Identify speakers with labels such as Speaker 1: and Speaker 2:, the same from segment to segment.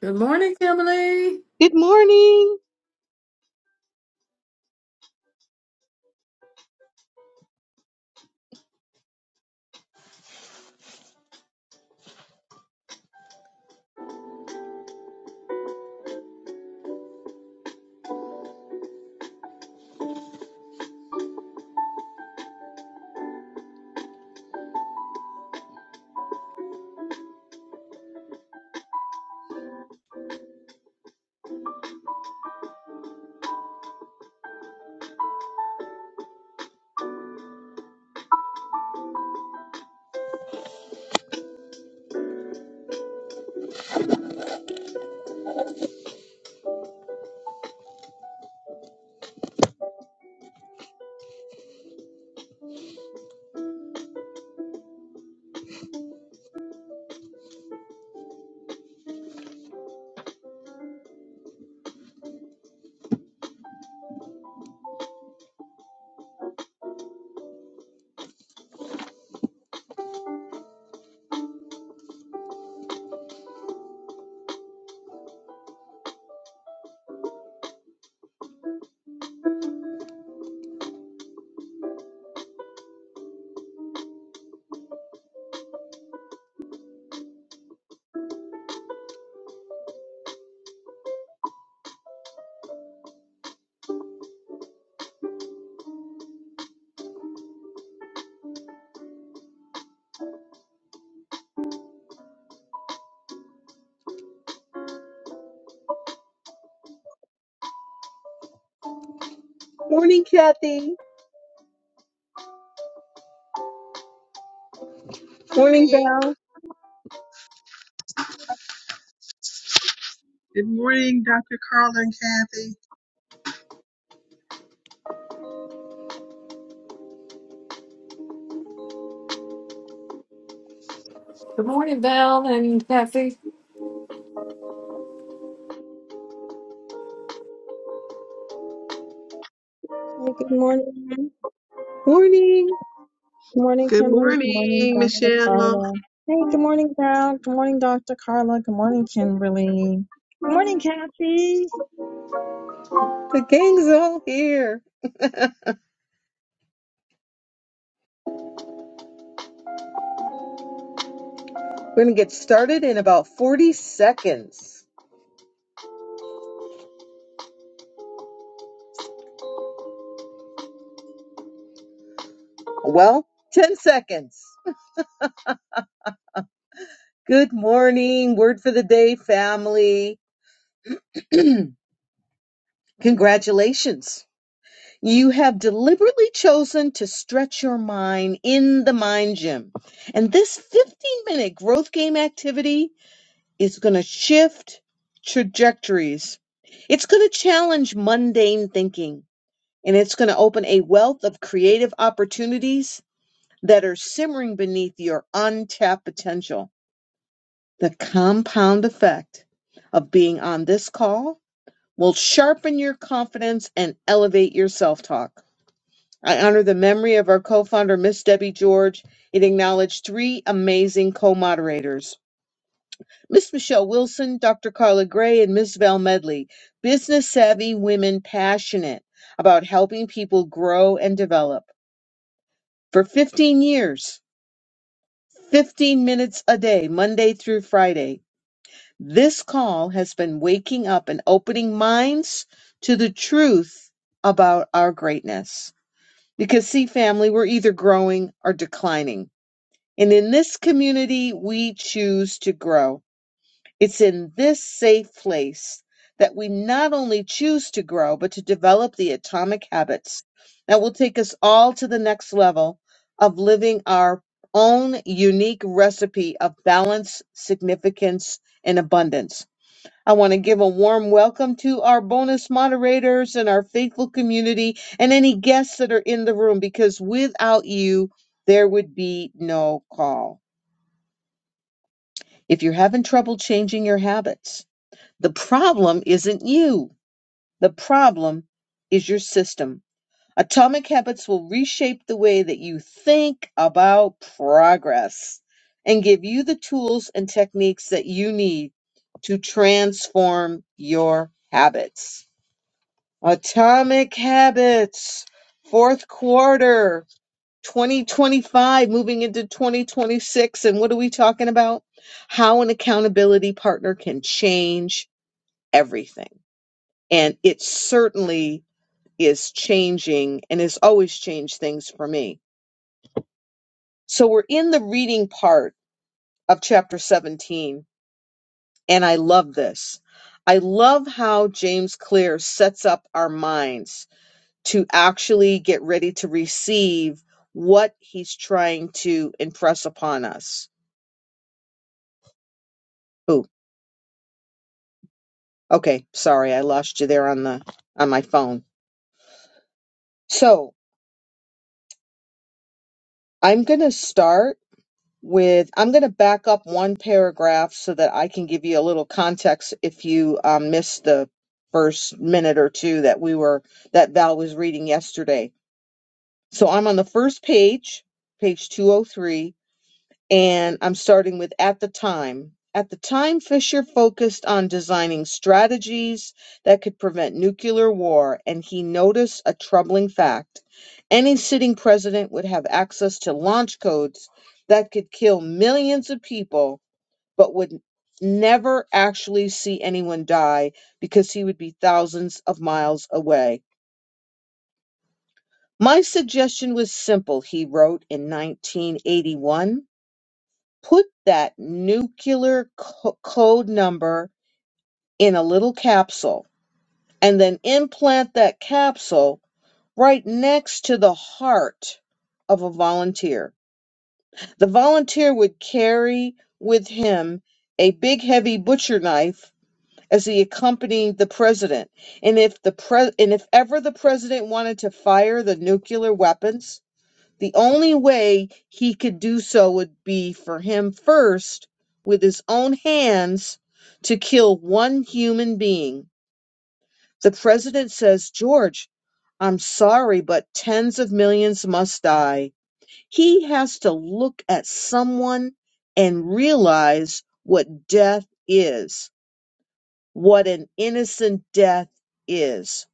Speaker 1: Good morning, Kimberly.
Speaker 2: Good morning. Morning, Kathy. Morning,
Speaker 3: Morning.
Speaker 2: Val.
Speaker 3: Good morning, Dr. Carl and Kathy.
Speaker 1: Good morning, Val and Kathy.
Speaker 4: Hey, good morning.
Speaker 2: Morning.
Speaker 4: Good morning,
Speaker 3: Good
Speaker 4: Kimberly. Good morning,
Speaker 3: morning,
Speaker 4: Dr.
Speaker 3: Michelle.
Speaker 4: Carla. Hey, good morning, Val. Good morning, Dr. Carla. Good morning, Kimberly. Good morning, Kathy.
Speaker 2: The gang's all here. We're going to get started in about 40 seconds. Well, 10 seconds. Good morning. Word for the day, family. Congratulations. You have deliberately chosen to stretch your mind in the mind gym. And this 15 minute growth game activity It's going to shift trajectories. It's going to challenge mundane thinking and it's going to open a wealth of creative opportunities that are simmering beneath your untapped potential. The compound effect of being on this call will sharpen your confidence and elevate your self talk. I honor the memory of our co founder, Miss Debbie George, and acknowledge three amazing co moderators. Miss Michelle Wilson, Dr. Carla Gray, and Miss Val Medley, business savvy women passionate about helping people grow and develop. For 15 years, 15 minutes a day, Monday through Friday, this call has been waking up and opening minds to the truth about our greatness. Because, see, family, we're either growing or declining. And in this community, we choose to grow. It's in this safe place that we not only choose to grow, but to develop the atomic habits that will take us all to the next level of living our own unique recipe of balance, significance, and abundance. I want to give a warm welcome to our bonus moderators and our faithful community and any guests that are in the room because without you, there would be no call. If you're having trouble changing your habits, the problem isn't you. The problem is your system. Atomic habits will reshape the way that you think about progress and give you the tools and techniques that you need to transform your habits. Atomic habits, fourth quarter 2025, moving into 2026. And what are we talking about? How an accountability partner can change everything and it certainly is changing and has always changed things for me. So we're in the reading part of chapter 17, and I love this. I love how James Clear sets up our minds to actually get ready to receive what he's trying to impress upon us. Ooh, okay, sorry, I lost you there on the on my phone. So I'm gonna start with I'm going to back up one paragraph so that I can give you a little context if you um, missed the first minute or two that we were that Val was reading yesterday. So I'm on the first page, page 203 and I'm starting with at the time. At the time, Fisher focused on designing strategies that could prevent nuclear war, and he noticed a troubling fact. Any sitting president would have access to launch codes that could kill millions of people, but would never actually see anyone die because he would be thousands of miles away. My suggestion was simple, he wrote in 1981. Put that nuclear co- code number in a little capsule and then implant that capsule right next to the heart of a volunteer. The volunteer would carry with him a big heavy butcher knife as he accompanied the president. And if the pre- and if ever the president wanted to fire the nuclear weapons the only way he could do so would be for him first, with his own hands, to kill one human being. The president says, George, I'm sorry, but tens of millions must die. He has to look at someone and realize what death is, what an innocent death is.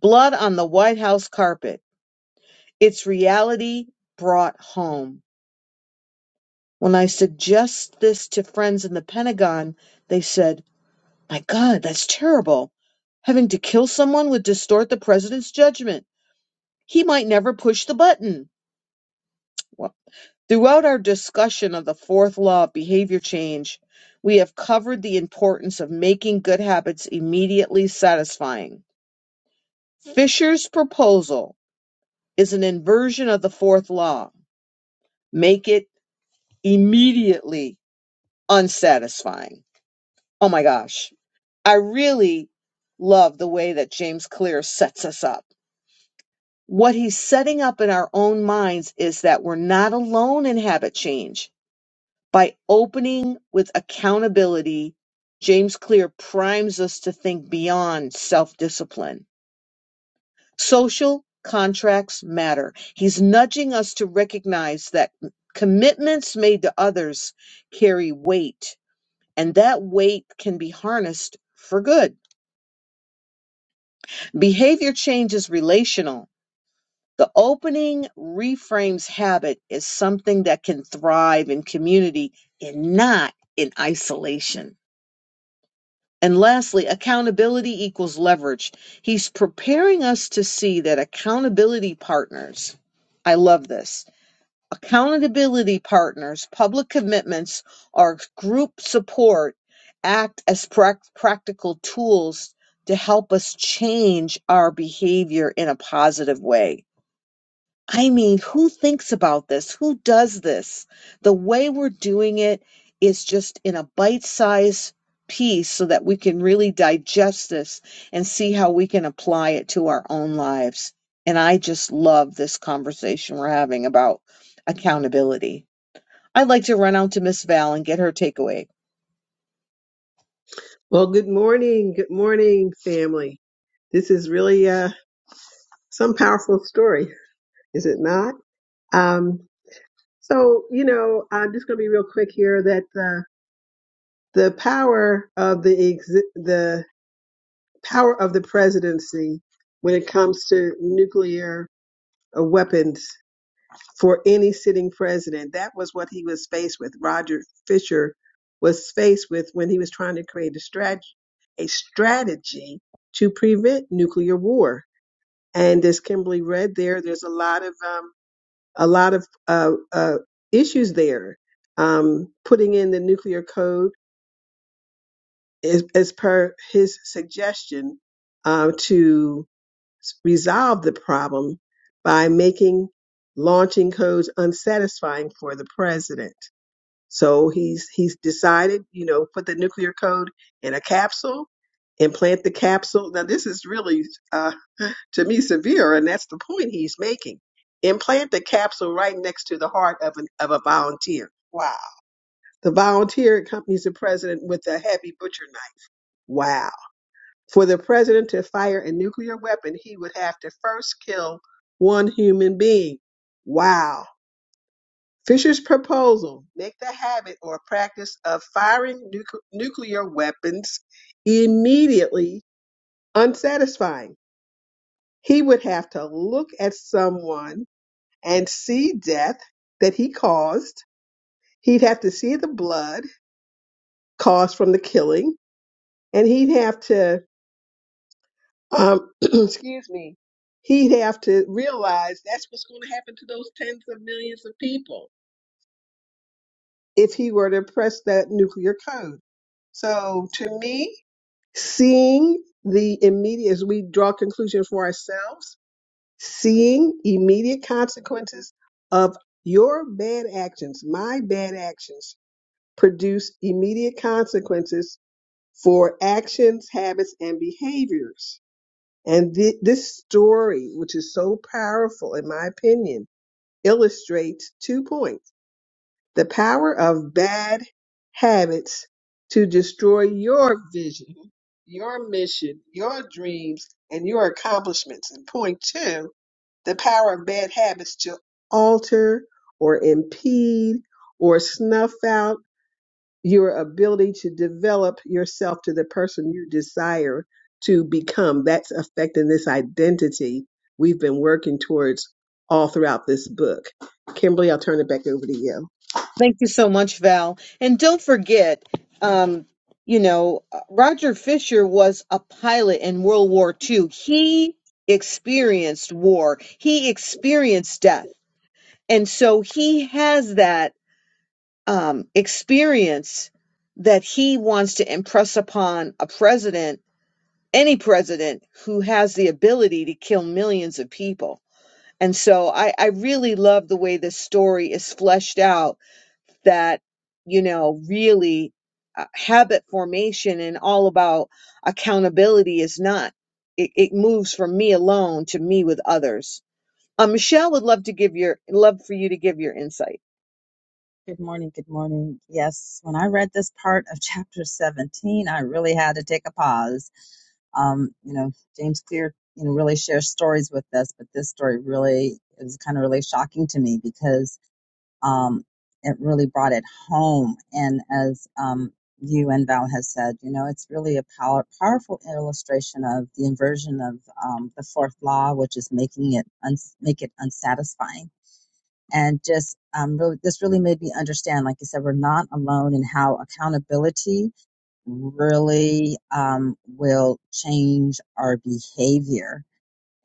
Speaker 2: Blood on the White House carpet. It's reality brought home. When I suggest this to friends in the Pentagon, they said, My God, that's terrible. Having to kill someone would distort the president's judgment. He might never push the button. Well, throughout our discussion of the fourth law of behavior change, we have covered the importance of making good habits immediately satisfying. Fisher's proposal is an inversion of the fourth law make it immediately unsatisfying. Oh my gosh. I really love the way that James Clear sets us up. What he's setting up in our own minds is that we're not alone in habit change. By opening with accountability, James Clear primes us to think beyond self discipline. Social contracts matter. He's nudging us to recognize that commitments made to others carry weight, and that weight can be harnessed for good. Behavior change is relational The opening reframes habit as something that can thrive in community and not in isolation. And lastly, accountability equals leverage. He's preparing us to see that accountability partners, I love this. Accountability partners, public commitments, or group support act as prac- practical tools to help us change our behavior in a positive way I mean, who thinks about this? Who does this? The way we're doing it is just in a bite sized piece so that we can really digest this and see how we can apply it to our own lives. And I just love this conversation we're having about accountability. I'd like to run out to Miss Val and get her takeaway.
Speaker 3: Well, good morning. Good morning, family. This is really uh, some powerful story, is it not? Um, so, you know, I'm just going to be real quick here that uh, the power of the exi- the power of the presidency when it comes to nuclear uh, weapons for any sitting president. That was what he was faced with. Roger Fisher was faced with when he was trying to create a strategy, a strategy to prevent nuclear war. And as Kimberly read there, there's a lot of um, a lot of uh, uh, issues there. Um, putting in the nuclear code is, as per his suggestion uh, to s- resolve the problem by making launching codes unsatisfying for the president. So he's he's decided, you know, put the nuclear code in a capsule, implant the capsule. Now this is really uh, to me severe, and that's the point he's making. Implant the capsule right next to the heart of an of a volunteer. Wow. The volunteer accompanies the president with a heavy butcher knife. Wow. For the president to fire a nuclear weapon, he would have to first kill one human being. Wow. Fisher's proposal make the habit or practice of firing nuc- nuclear weapons immediately unsatisfying. He would have to look at someone and see death that he caused. He'd have to see the blood caused from the killing, and he'd have to um, excuse me, he'd have to realize that's what's going to happen to those tens of millions of people if he were to press that nuclear code. So to me, seeing the immediate, as we draw conclusions for ourselves, seeing immediate consequences of your bad actions, my bad actions produce immediate consequences for actions, habits, and behaviors And thi- this story, which is so powerful, in my opinion, illustrates two points the power of bad habits to destroy your vision, your mission, your dreams, and your accomplishments. And point two, the power of bad habits to alter or impede or snuff out your ability to develop yourself to the person you desire to become. That's affecting this identity we've been working towards all throughout this book. Kimberly, I'll turn it back over to you.
Speaker 2: Thank you so much, Val. And don't forget, um, you know, Roger Fisher was a pilot in World War II. He experienced war, he experienced death. And so he has that um, experience that he wants to impress upon a president, any president who has the ability to kill millions of people. And so I, I really love the way this story is fleshed out that you know really uh, habit formation and all about accountability is not it, it moves from me alone to me with others uh, michelle would love to give your love for you to give your insight
Speaker 4: Good morning, good morning. Yes, when I read this part of chapter 17, I really had to take a pause. Um, you know, James Clear, you know, really shares stories with us, but this story really it was kind of really shocking to me because um, it really brought it home. And as um, you and Val has said, you know, it's really a power, powerful illustration of the inversion of um, the fourth law, which is making it uns- make it unsatisfying. And just um, really, this really made me understand, like you said, we're not alone in how accountability really um, will change our behavior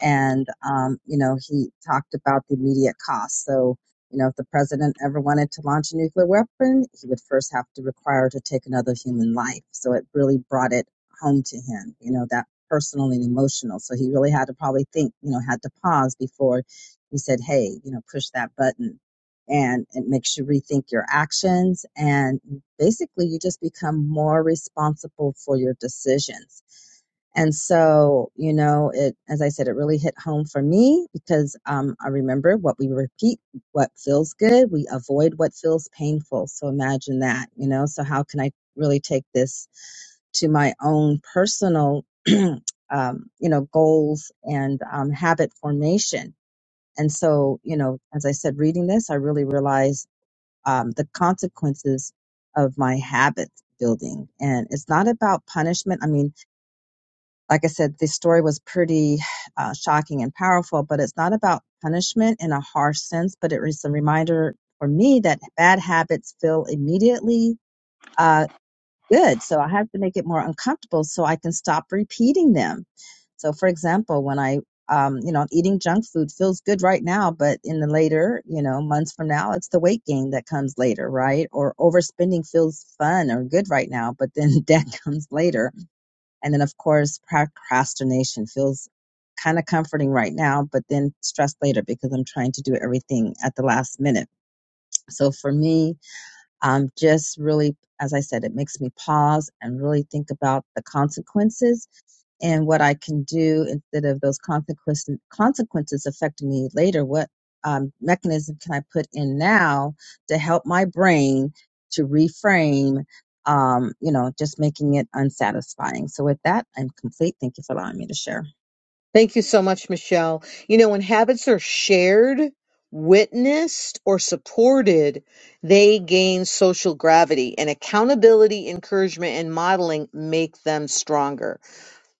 Speaker 4: and um, you know he talked about the immediate cost. So you know if the president ever wanted to launch a nuclear weapon, he would first have to require to take another human life. So it really brought it home to him. You know that personal and emotional. So he really had to probably think. You know had to pause before he said, "Hey, you know push that button." And it makes you rethink your actions, and basically, you just become more responsible for your decisions and so, you know, it, as I said, it really hit home for me because um, I remember what we repeat, what feels good, we avoid what feels painful. So imagine that, you know. So, how can I really take this to my own personal, um, you know, goals and um, habit formation? And so, you know, as I said, reading this, I really realized um, the consequences of my habit building. And it's not about punishment. I mean, like I said, the story was pretty uh, shocking and powerful, but it's not about punishment in a harsh sense, but it is a reminder for me that bad habits feel immediately uh, good. So I have to make it more uncomfortable so I can stop repeating them. So, for example, when I um, you know, eating junk food feels good right now, but in the later, you know, months from now, it's the weight gain that comes later, right? Or overspending feels fun or good right now, but then debt comes later and then, of course, procrastination feels kind of comforting right now, but then stressed later because I'm trying to do everything at the last minute. So for me, um, just really, as I said, it makes me pause and really think about the consequences and what I can do instead of those consequences consequences affecting me later. What um, mechanism can I put in now to help my brain to reframe? Um, you know, just making it unsatisfying. So with that, I'm complete. Thank you for allowing me to share.
Speaker 2: Thank you so much, Michelle. You know, when habits are shared, witnessed, or supported, they gain social gravity, and accountability, encouragement, and modeling make them stronger.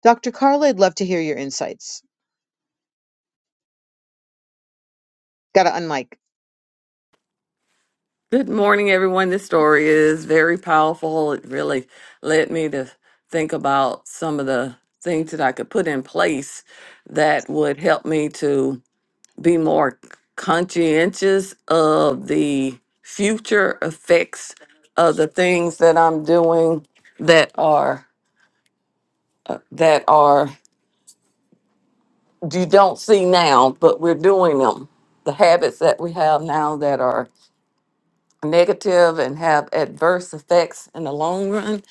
Speaker 2: Dr. Carla, I'd love to hear your insights. Got to unmic.
Speaker 1: Good morning, everyone. This story is very powerful. It really led me to think about some of the things that I could put in place that would help me to be more conscientious of the future effects of the things that I'm doing that are uh, that are you don't see now, but we're doing them. The habits that we have now that are negative and have adverse effects in the long run,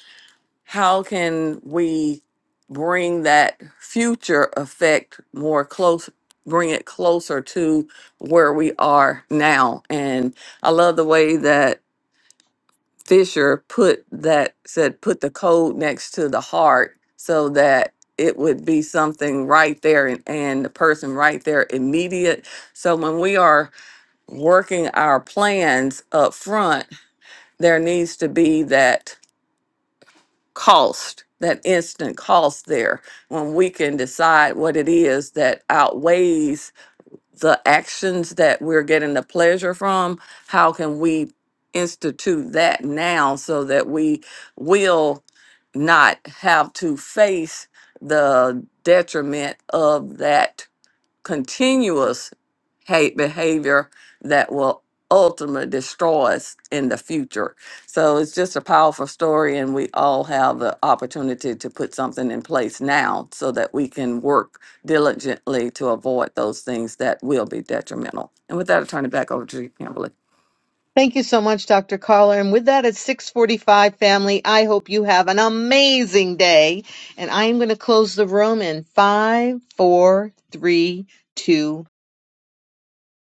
Speaker 1: how can we bring that future effect more close, bring it closer to where we are now? And I love the way that Fisher put that, said, put the code next to the heart so that it would be something right there and, and the person right there immediate. So when we are working our plans up front, there needs to be that cost, that instant cost there when we can decide what it is that outweighs the actions that we're getting the pleasure from. How can we institute that now so that we will not have to face the detriment of that? continuous hate behavior that will ultimately destroy us in the future. So it's just a powerful story, and we all have the opportunity to put something in place now so that we can work diligently to avoid those things that will be detrimental. And with that, I turn it back over to you, Kimberly.
Speaker 2: Thank you so much, Dr. Caller, And with that, at 645 family, I hope you have an amazing day. And I am going to close the room in five, four, three, two,